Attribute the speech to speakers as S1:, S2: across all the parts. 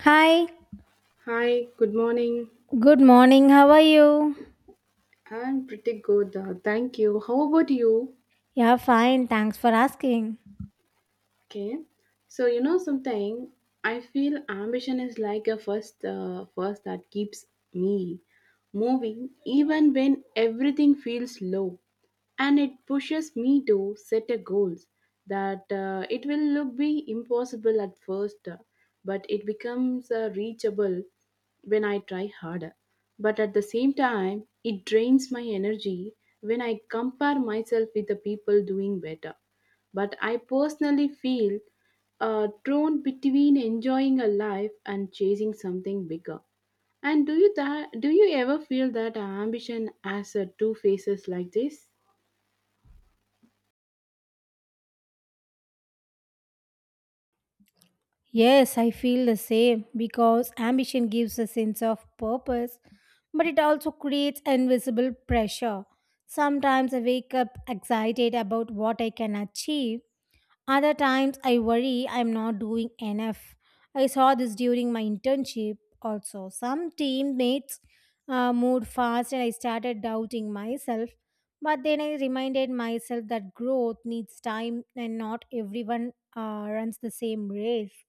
S1: Hi,
S2: Hi, good morning.
S1: good morning. How are you?
S2: I'm pretty good, thank you. How about you?
S1: Yeah, fine. Thanks for asking.
S2: Okay. So, you know something, I feel ambition is like a first that keeps me moving even when everything feels low. And it pushes me to set a goals that it will look be impossible at first but it becomes reachable when I try harder, but at the same time it drains my energy when I compare myself with the people doing better. But I personally feel torn between enjoying a life and chasing something bigger. And do you ever feel that ambition has two faces like this?
S1: Yes, I feel the same because ambition gives a sense of purpose, but it also creates invisible pressure. Sometimes I wake up excited about what I can achieve. Other times I worry I'm not doing enough. I saw this during my internship also. Some teammates moved fast and I started doubting myself. But then I reminded myself that growth needs time and not everyone runs the same race.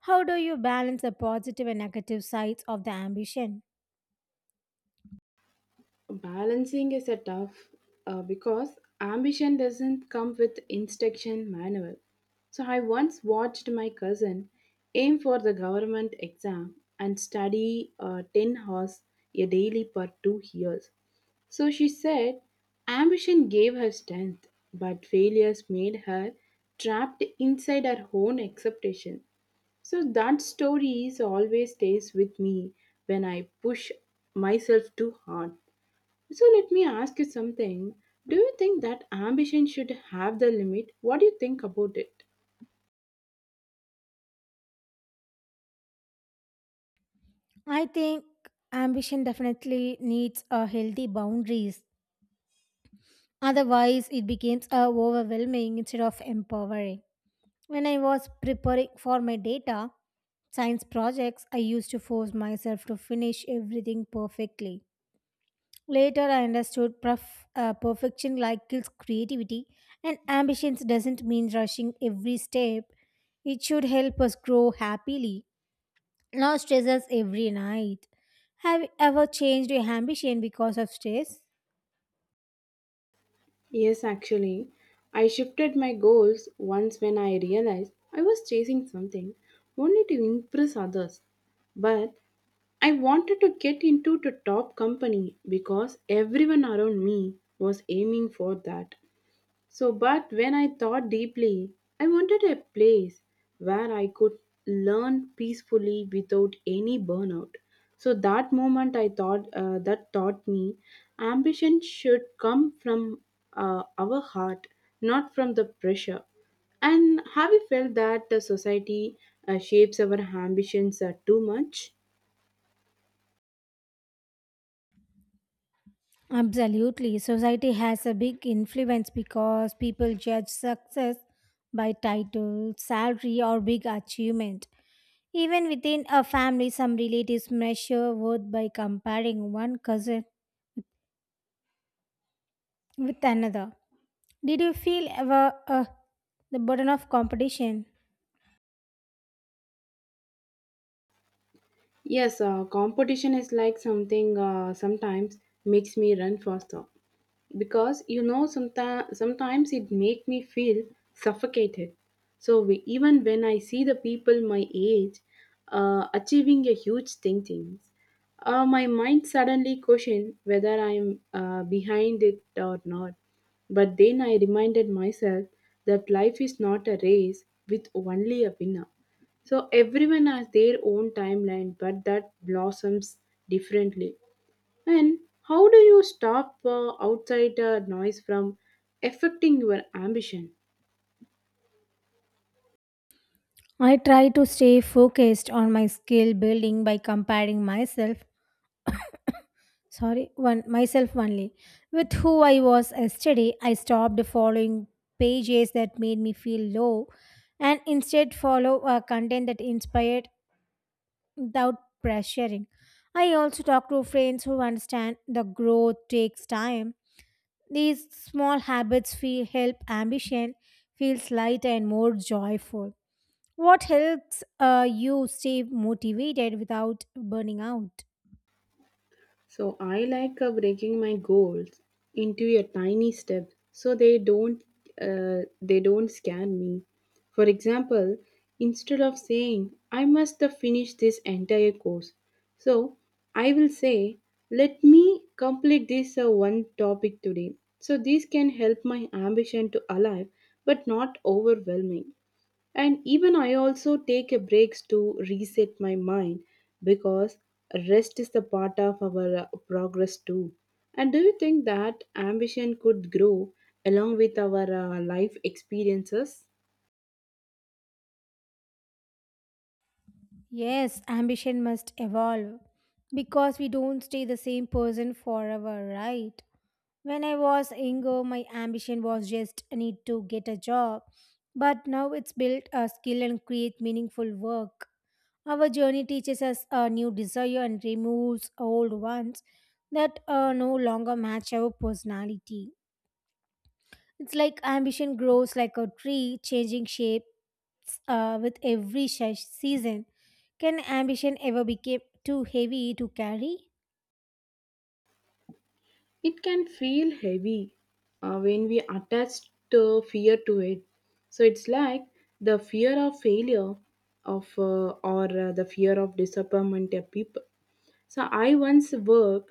S1: How do you balance the positive and negative sides of the ambition?
S2: Balancing is a tough because ambition doesn't come with instruction manual. So I once watched my cousin aim for the government exam and study 10 hours a daily for 2 years. So she said ambition gave her strength but failures made her trapped inside her own expectation. So that story is always stays with me when I push myself too hard. So let me ask you something. Do you think that ambition should have the limit? What do you think about it?
S1: I think ambition definitely needs a healthy boundaries. Otherwise, it becomes overwhelming instead of empowering. When I was preparing for my data science projects, I used to force myself to finish everything perfectly. Later, I understood perfection like kills creativity, and ambitions doesn't mean rushing every step. It should help us grow happily, not stress us every night. Have you ever changed your ambition because of stress?
S2: Yes, actually. I shifted my goals once when I realized I was chasing something only to impress others. But I wanted to get into the top company because everyone around me was aiming for that. So, but when I thought deeply, I wanted a place where I could learn peacefully without any burnout. So that moment, I thought that taught me ambition should come from our heart, not from the pressure. And have you felt that the society shapes our ambitions too much?
S1: Absolutely. Society has a big influence because people judge success by title, salary, or big achievement. Even within a family, some relatives measure worth by comparing one cousin with another. Did you feel ever the burden of competition?
S2: Yes, competition is like something sometimes makes me run faster, because sometimes it make me feel suffocated. So we, even when I see the people my age achieving a huge things, my mind suddenly question whether I'm behind it or not. But then I reminded myself that life is not a race with only a winner, so everyone has their own timeline but that blossoms differently. And how do you stop outside noise from affecting your ambition?
S1: I try to stay focused on my skill building by comparing myself, sorry, one myself only with who I was yesterday. I stopped following pages that made me feel low and instead follow content that inspired without pressuring. I also talk to friends who understand the growth takes time. These small habits feel help ambition feels lighter and more joyful. What helps you stay motivated without burning out?
S2: So I like breaking my goals into a tiny step so they don't scan me. For example, instead of saying I must finish this entire course, so I will say let me complete this one topic today. So this can help my ambition to alive but not overwhelming. And even I also take a breaks to reset my mind because rest is the part of our progress too. And do you think that ambition could grow along with our life experiences?
S1: Yes, ambition must evolve because we don't stay the same person forever, right? When I was younger, my ambition was just I need to get a job, but now it's built a skill and create meaningful work. Our journey teaches us a new desire and removes old ones that no longer match our personality. It's like ambition grows like a tree, changing shapes with every season. Can ambition ever become too heavy to carry?
S2: It can feel heavy when we attach the fear to it. So it's like the fear of failure of or the fear of disappointment of people. So I once worked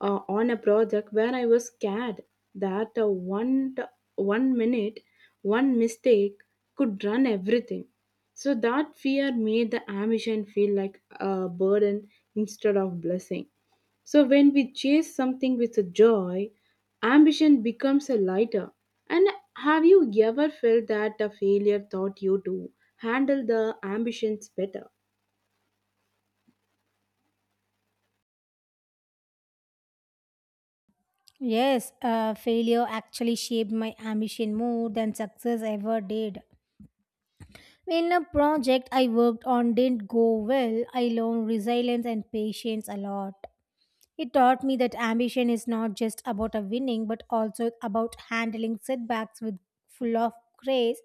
S2: on a project where I was scared that one minute, one mistake could run everything. So that fear made the ambition feel like a burden instead of blessing. So when we chase something with a joy, ambition becomes a lighter. And have you ever felt that a failure taught you to handle the ambitions better?
S1: Yes, failure actually shaped my ambition more than success ever did. When a project I worked on didn't go well, I learned resilience and patience a lot. It taught me that ambition is not just about a winning but also about handling setbacks with full of grace.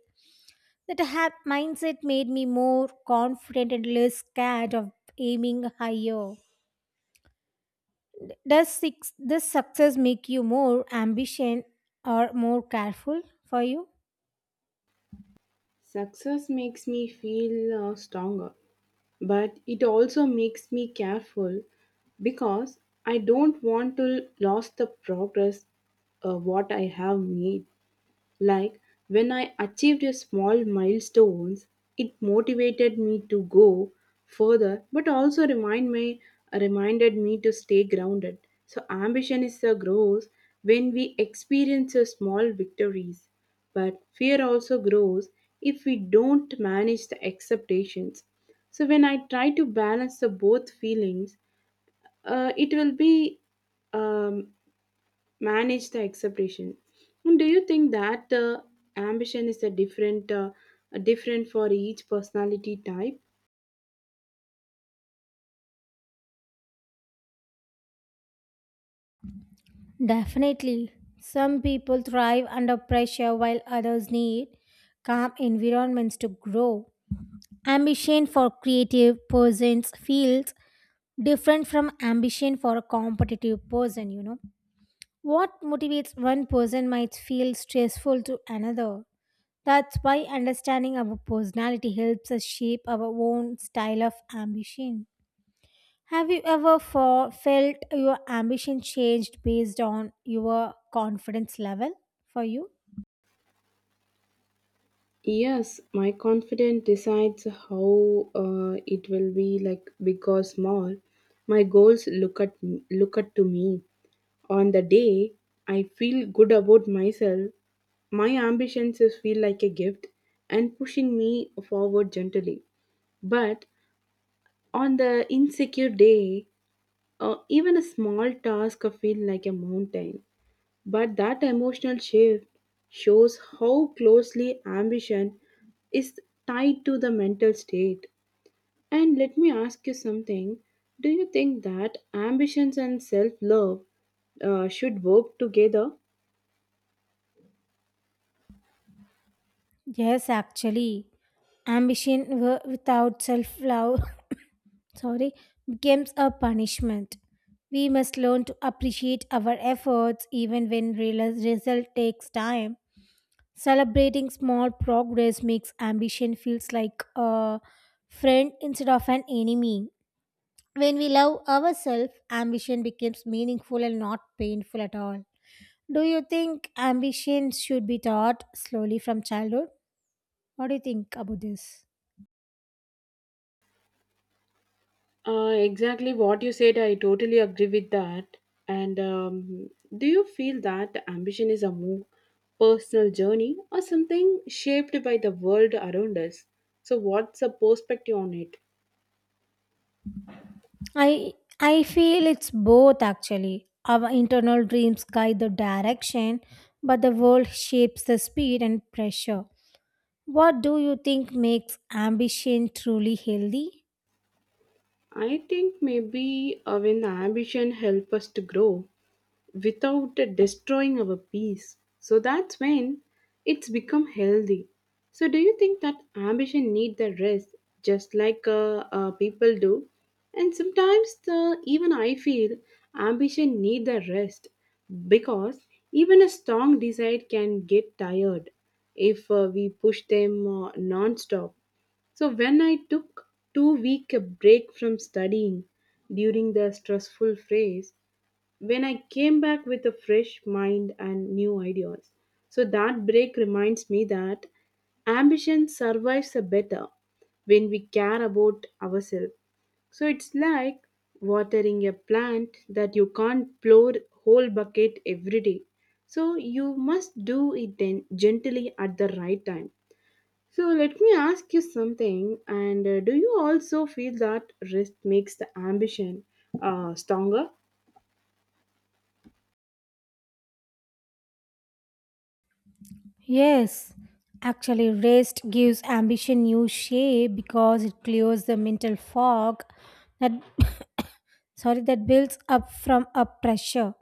S1: That mindset made me more confident and less scared of aiming higher. Does success make you more ambition or more careful for you?
S2: Success makes me feel stronger, but it also makes me careful because I don't want to lose the progress what I have made. Like when I achieved a small milestones, it motivated me to go further, but also reminded me to stay grounded. So ambition is a grows when we experience a small victories, but fear also grows if we don't manage the expectations. So when I try to balance the both feelings, it will be um, manage the expectation. And do you think that ambition is a different for each personality type?
S1: Definitely. Some people thrive under pressure while others need calm environments to grow. Ambition for creative persons feels different from ambition for a competitive person, you know. What motivates one person might feel stressful to another. That's why understanding our personality helps us shape our own style of ambition. Have you ever felt your ambition changed based on your confidence level for you?
S2: Yes, my confidence decides how it will be like big or small. My goals look at to me. On the day I feel good about myself, my ambitions is feel like a gift and pushing me forward gently. But on the insecure day, even a small task can feel like a mountain, but that emotional shift shows how closely ambition is tied to the mental state. And let me ask you something, do you think that ambitions and self love should work together?
S1: Yes, actually. Ambition without self love sorry becomes a punishment. We must learn to appreciate our efforts even when real result takes time. Celebrating small progress makes ambition feels like a friend instead of an enemy. When we love ourselves, ambition becomes meaningful and not painful at all. Do you think ambition should be taught slowly from childhood? What do you think about this?
S2: Exactly what you said, I totally agree with that. And do you feel that ambition is a more personal journey or something shaped by the world around us? So, what's the perspective on it?
S1: I I feel it's both actually. Our internal dreams guide the direction, but the world shapes the speed and pressure. What do you think makes ambition truly healthy?
S2: I think maybe when ambition helps us to grow, without destroying our peace. So that's when it's become healthy. So do you think that ambition need the rest, just like people do? And sometimes even I feel ambition need the rest because even a strong desire can get tired if we push them non-stop. So when I took 2 week a break from studying during the stressful phase, when I came back with a fresh mind and new ideas. So that break reminds me that ambition survives a better when we care about ourselves. So it's like watering a plant that you can't pour whole bucket every day. So you must do it then gently at the right time. So let me ask you something and do you also feel that rest makes the ambition stronger?
S1: Yes, actually, rest gives ambition new shape because it clears the mental fog that sorry that builds up from a pressure.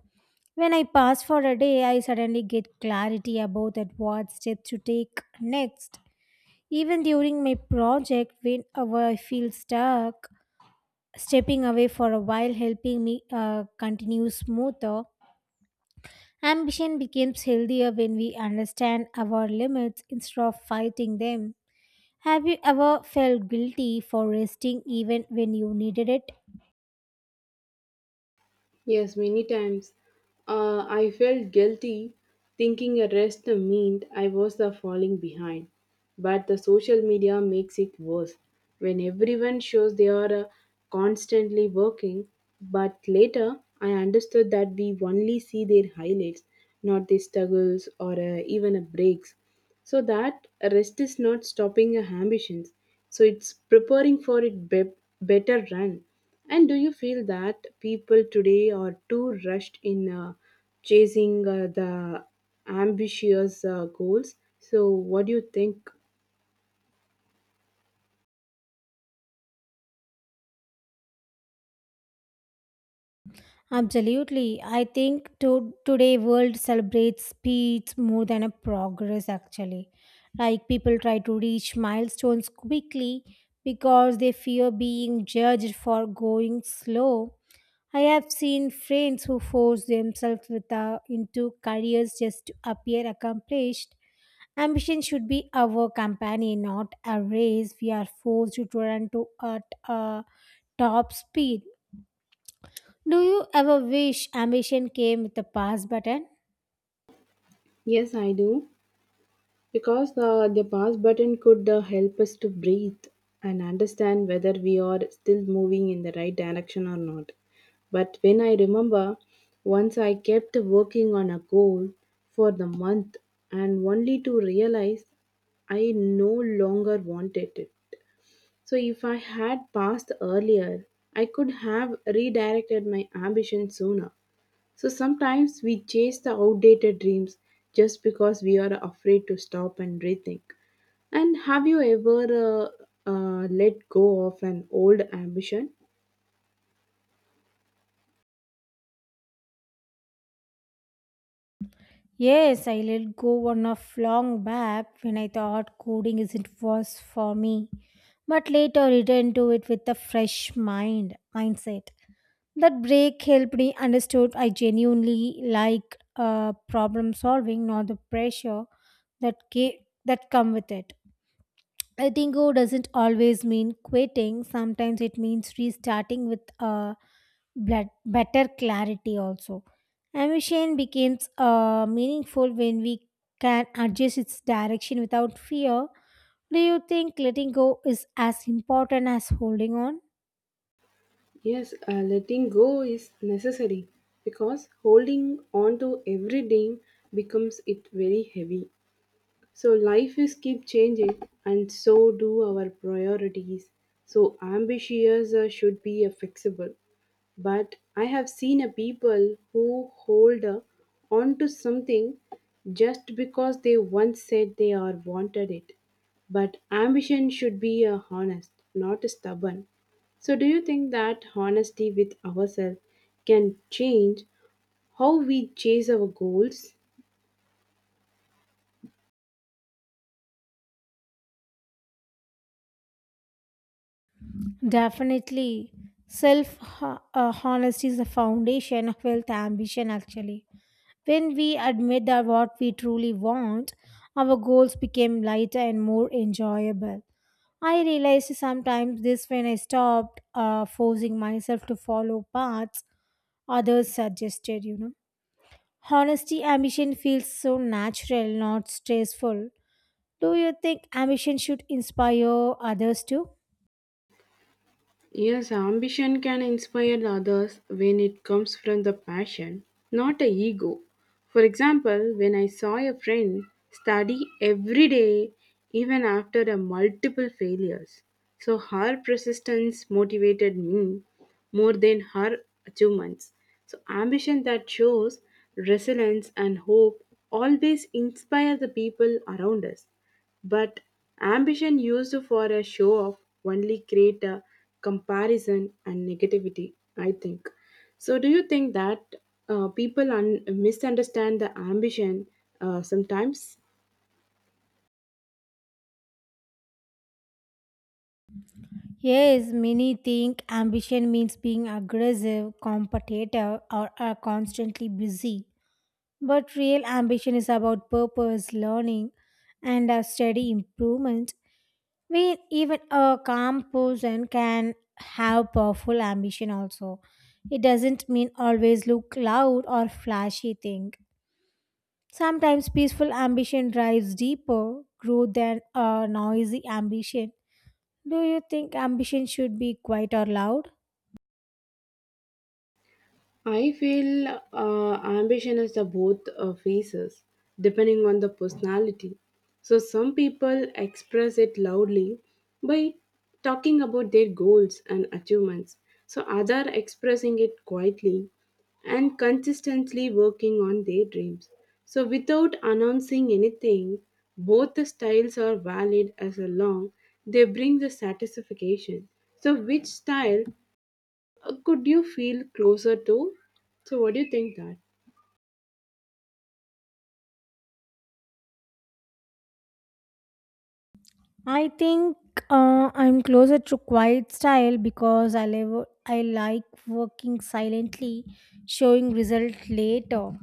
S1: When I pass for a day, I suddenly get clarity about that what step to take next. Even during my project, whenever I feel stuck, stepping away for a while helping me continue smoother. Ambition becomes healthier when we understand our limits instead of fighting them. Have you ever felt guilty for resting even when you needed it?
S2: Yes, many times. I felt guilty thinking a rest meant I was the falling behind. But the social media makes it worse. When everyone shows they are constantly working, but later I understood that we only see their highlights, not their struggles or even a breaks. So that rest is not stopping your ambitions. So it's preparing for it better run. And do you feel that people today are too rushed in chasing the ambitious goals? So, what do you think?
S1: Absolutely. I think today world celebrates speeds more than a progress actually. Like people try to reach milestones quickly because they fear being judged for going slow. I have seen friends who force themselves into careers just to appear accomplished. Ambition should be our companion, not a race we are forced to run to at a top speed. Do you ever wish ambition came with a pause button?
S2: Yes, I do. Because the pause button could help us to breathe and understand whether we are still moving in the right direction or not. But when I remember, once I kept working on a goal for the month and only to realize I no longer wanted it. So if I had passed earlier, I could have redirected my ambition sooner. So sometimes we chase the outdated dreams just because we are afraid to stop and rethink. And have you ever let go of an old ambition?
S1: Yes, I let go one of long back when I thought coding isn't was for me, but later returned to it with a fresh mindset. That break helped me understood I genuinely like problem solving, not the pressure that came, that come with it. Letting go doesn't always mean quitting. Sometimes it means restarting with a better clarity also. Ambition becomes meaningful when we can adjust its direction without fear. Do you think letting go is as important as holding on?
S2: Yes, letting go is necessary because holding on to every dream becomes it very heavy. So life is keep changing, and so do our priorities. So ambitious should be fixable, but I have seen a people who hold on to something just because they once said they are wanted it. But ambition should be honest, not stubborn. So, do you think that honesty with ourselves can change how we chase our goals?
S1: Definitely. Self honesty is the foundation of wealth ambition actually. When we admit that what we truly want, our goals became lighter and more enjoyable. I realized sometimes this when I stopped forcing myself to follow paths others suggested, you know. Honesty ambition feels so natural, not stressful. Do you think ambition should inspire others too?
S2: Yes, ambition can inspire the others when it comes from the passion, not a ego. For example, when I saw a friend study every day, even after a multiple failures, so her persistence motivated me more than her achievements. So ambition that shows resilience and hope always inspire the people around us. But ambition used for a show off only create a comparison and negativity, I think. So, do you think that people misunderstand the ambition sometimes?
S1: Yes, many think ambition means being aggressive, competitive, or are constantly busy. But real ambition is about purpose, learning, and a steady improvement. We even a calm person can have powerful ambition also. It doesn't mean always look loud or flashy thing. Sometimes peaceful ambition drives deeper growth than a noisy ambition. Do you think ambition should be quiet or loud?
S2: I feel ambition is the both phases, depending on the personality. So some people express it loudly by talking about their goals and achievements. So other expressing it quietly and consistently working on their dreams. So without announcing anything, both the styles are valid as long they bring the satisfaction. So which style could you feel closer to? So, what do you think that?
S1: I think I'm closer to quiet style because I like working silently, showing result later.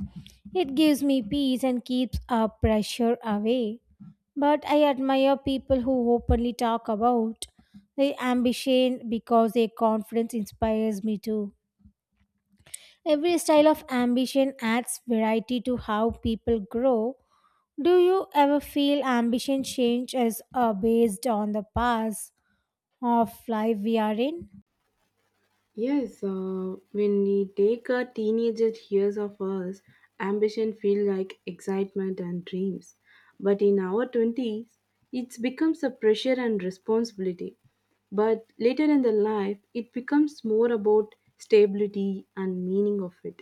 S1: It gives me peace and keeps our pressure away. But I admire people who openly talk about their ambition because their confidence inspires me too. Every style of ambition adds variety to how people grow. Do you ever feel ambition changes are based on the past of life we are in?
S2: Yes, when we take our teenager years of us, ambition feel like excitement and dreams. But in our 20s, it becomes a pressure and responsibility. But later in the life, it becomes more about stability and meaning of it.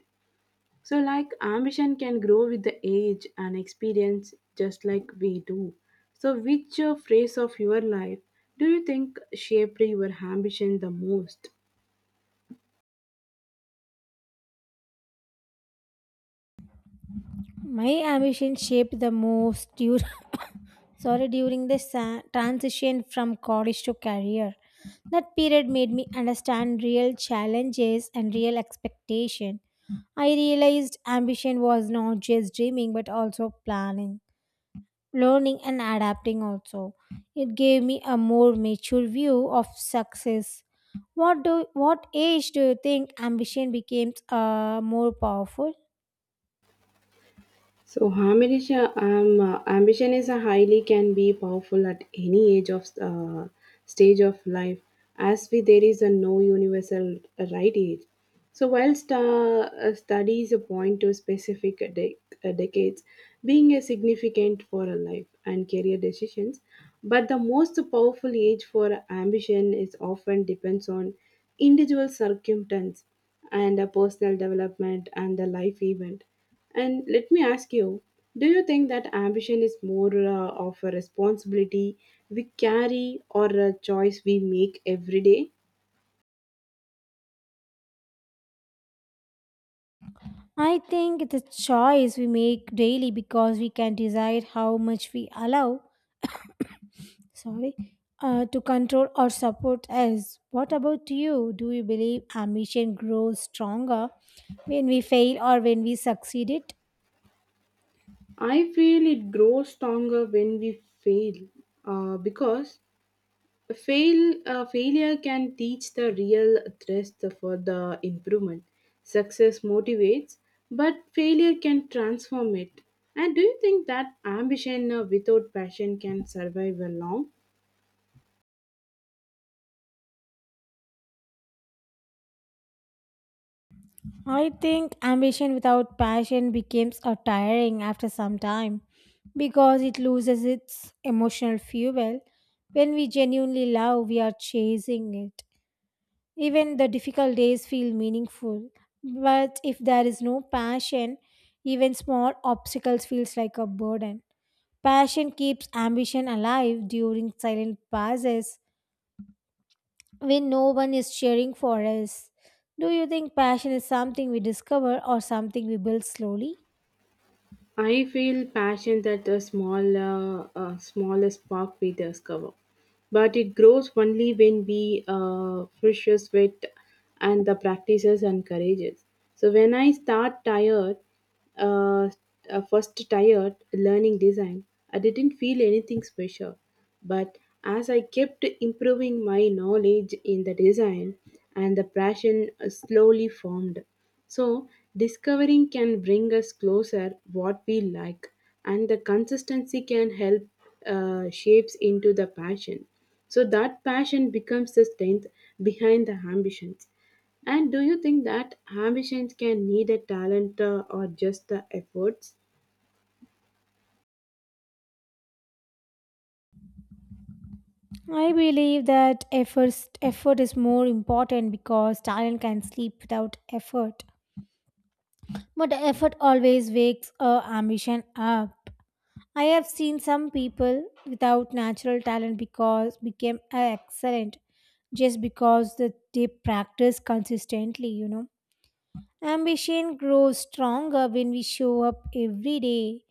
S2: So, like ambition can grow with the age and experience just like we do. So, which phase of your life do you think shaped your ambition the most?
S1: My ambition shaped the most during, sorry, during the transition from college to career. That period made me understand real challenges and real expectation. I realized ambition was not just dreaming but also planning, learning and adapting also. It gave me a more mature view of success. What age do you think ambition becomes more powerful?
S2: So ambition is a highly can be powerful at any age of stage of life, as we there is a no universal right age. So whilst studies point to specific decades being a significant for a life and career decisions, but the most powerful age for ambition is often depends on individual circumstance and a personal development and the life event. And let me ask you, do you think that ambition is more of a responsibility we carry or a choice we make every day?
S1: I think it's a choice we make daily because we can decide how much we allow, sorry, to control or support us. What about you? Do you believe ambition grows stronger when we fail or when we succeed it?
S2: I feel it grows stronger when we fail because a fail failure can teach the real thrust for the improvement. Success motivates, but failure can transform it. And do you think that ambition without passion can survive long?
S1: I think ambition without passion becomes a tiring after some time because it loses its emotional fuel. When we genuinely love, we are chasing it. Even the difficult days feel meaningful. But if there is no passion, even small obstacles feels like a burden. Passion keeps ambition alive during silent pauses when no one is cheering for us. Do you think passion is something we discover or something we build slowly?
S2: I feel passion that a small, smaller spark we discover, but it grows only when we precious with and the practices encourages. So when I start tired, uh, first tired learning design, I didn't feel anything special, but as I kept improving my knowledge in the design, and the passion slowly formed. So, discovering can bring us closer what we like, and the consistency can help shapes into the passion. So that passion becomes the strength behind the ambitions. And do you think that ambitions can need a talent or just the efforts?
S1: I believe that effort is more important because talent can sleep without effort. But effort always wakes our ambition up. I have seen some people without natural talent because became excellent just because that they practice consistently, you know. Ambition grows stronger when we show up every day.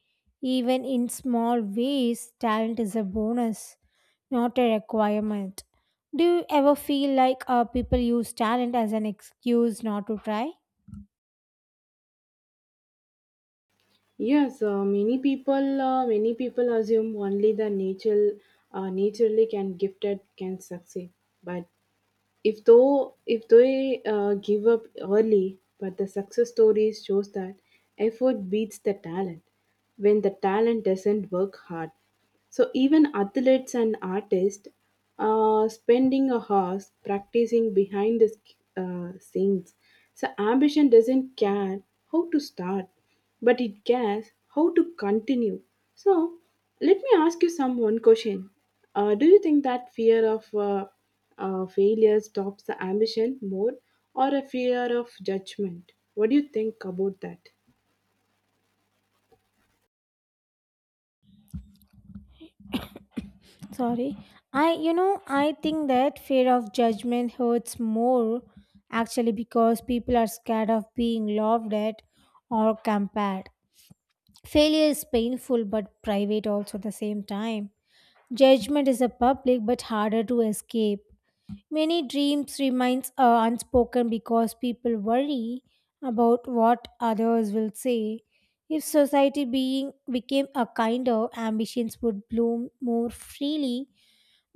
S1: Even in small ways, talent is a bonus, not a requirement. Do you ever feel like people use talent as an excuse not to try?
S2: Yes, many people many people assume only the natural naturally can gifted can succeed, but if though if they give up early, but the success stories shows that effort beats the talent when the talent doesn't work hard. So even athletes and artists are spending a hours practicing behind the scenes. So ambition doesn't care how to start, but it cares how to continue. So let me ask you some one question. Uh, do you think that fear of failure stops the ambition more or a fear of judgment. What do you think about that?
S1: Sorry. I, you know, I think that fear of judgment hurts more actually because people are scared of being laughed at or compared. Failure is painful but private also at the same time. Judgment is a public but harder to escape. Many dreams remains unspoken because people worry about what others will say. If society being became a kinder, ambitions would bloom more freely.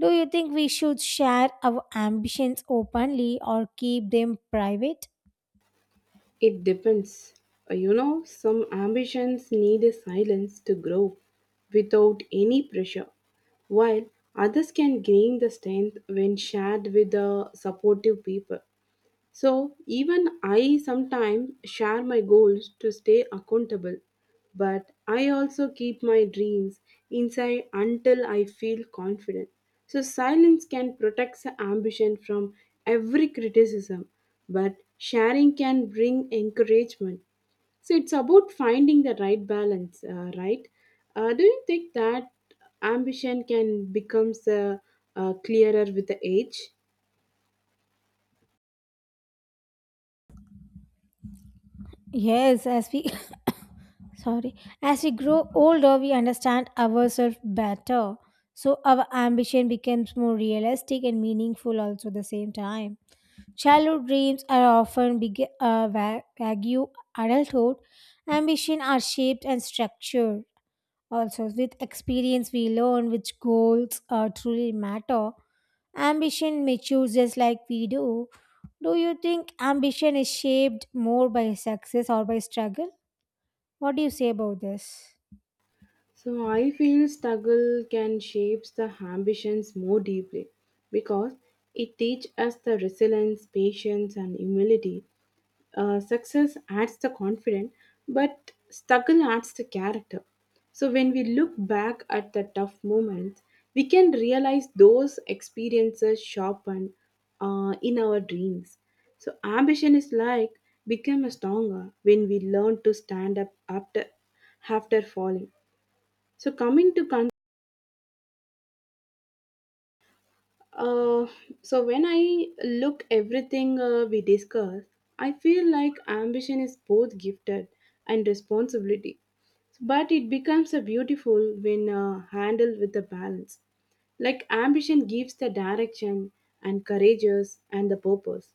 S1: Do you think we should share our ambitions openly or keep them private?
S2: It depends. You know, some ambitions need a silence to grow without any pressure, while others can gain the strength when shared with the supportive people. So even I sometimes share my goals to stay accountable, but I also keep my dreams inside until I feel confident. So silence can protect the ambition from every criticism, but sharing can bring encouragement. So it's about finding the right balance, right? Do you think that ambition can becomes clearer with the age?
S1: Yes, as we sorry, as we grow older, we understand ourselves better. So our ambition becomes more realistic and meaningful also at the same time. Childhood dreams are often big, vague. Adulthood ambition are shaped and structured. Also, with experience, we learn which goals truly matter. Ambition matures just like we do. Do you think ambition is shaped more by success or by struggle? What do you say about this?
S2: So I feel struggle can shapes the ambitions more deeply because it teaches us the resilience, patience, and humility. Success adds the confidence, but struggle adds the character. So when we look back at the tough moments, we can realize those experiences sharpen in our dreams. So ambition is like become stronger when we learn to stand up after falling. So uh, so when I look everything we discuss, I feel like ambition is both gifted and responsibility, but it becomes a beautiful when handled with a balance. Like ambition gives the direction and courageous and the purpose,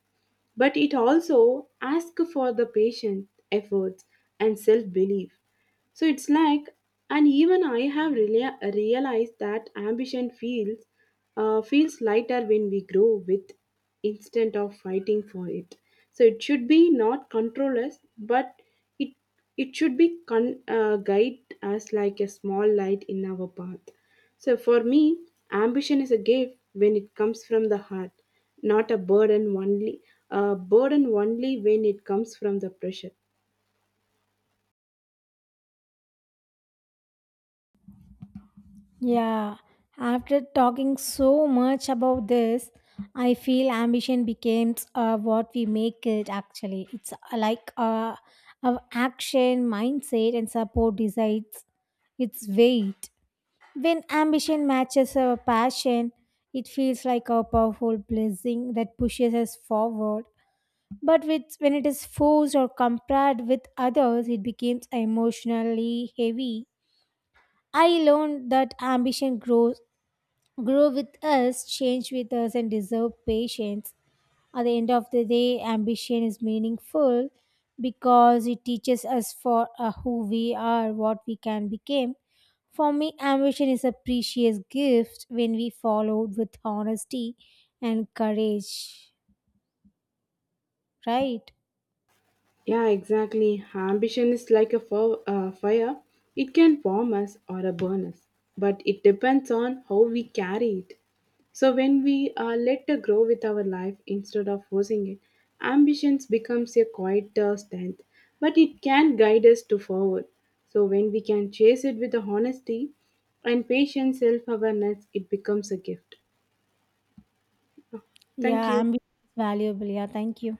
S2: but it also asks for the patient efforts and self belief. So it's like, and even I have realized that ambition feels feels lighter when we grow with instead of fighting for it. So it should be not control us, but it it should be guide us like a small light in our path. So for me, ambition is a gift when it comes from the heart, not a burden only. A burden only when it comes from the pressure.
S1: Yeah, after talking so much about this, I feel ambition becomes what we make it actually. It's like our action, mindset, and support decides its weight. When ambition matches our passion, it feels like a powerful blessing that pushes us forward. But when it is forced or compared with others, it becomes emotionally heavy. I learned that grow with us, change with us, and deserve patience. At the end of the day, ambition is meaningful because it teaches us for who we are, what we can become. For me, ambition is a precious gift when we follow it with honesty and courage. Right?
S2: Yeah, exactly. Ambition is like a fire. It can warm us or a burn us, but it depends on how we carry it. So when we let it grow with our life instead of forcing it, ambitions becomes a quieter strength, but it can guide us to forward. So when we can chase it with the honesty and patient self-awareness, it becomes a gift. Thank
S1: Yeah,
S2: you.
S1: ambition is valuable. Yeah, thank you.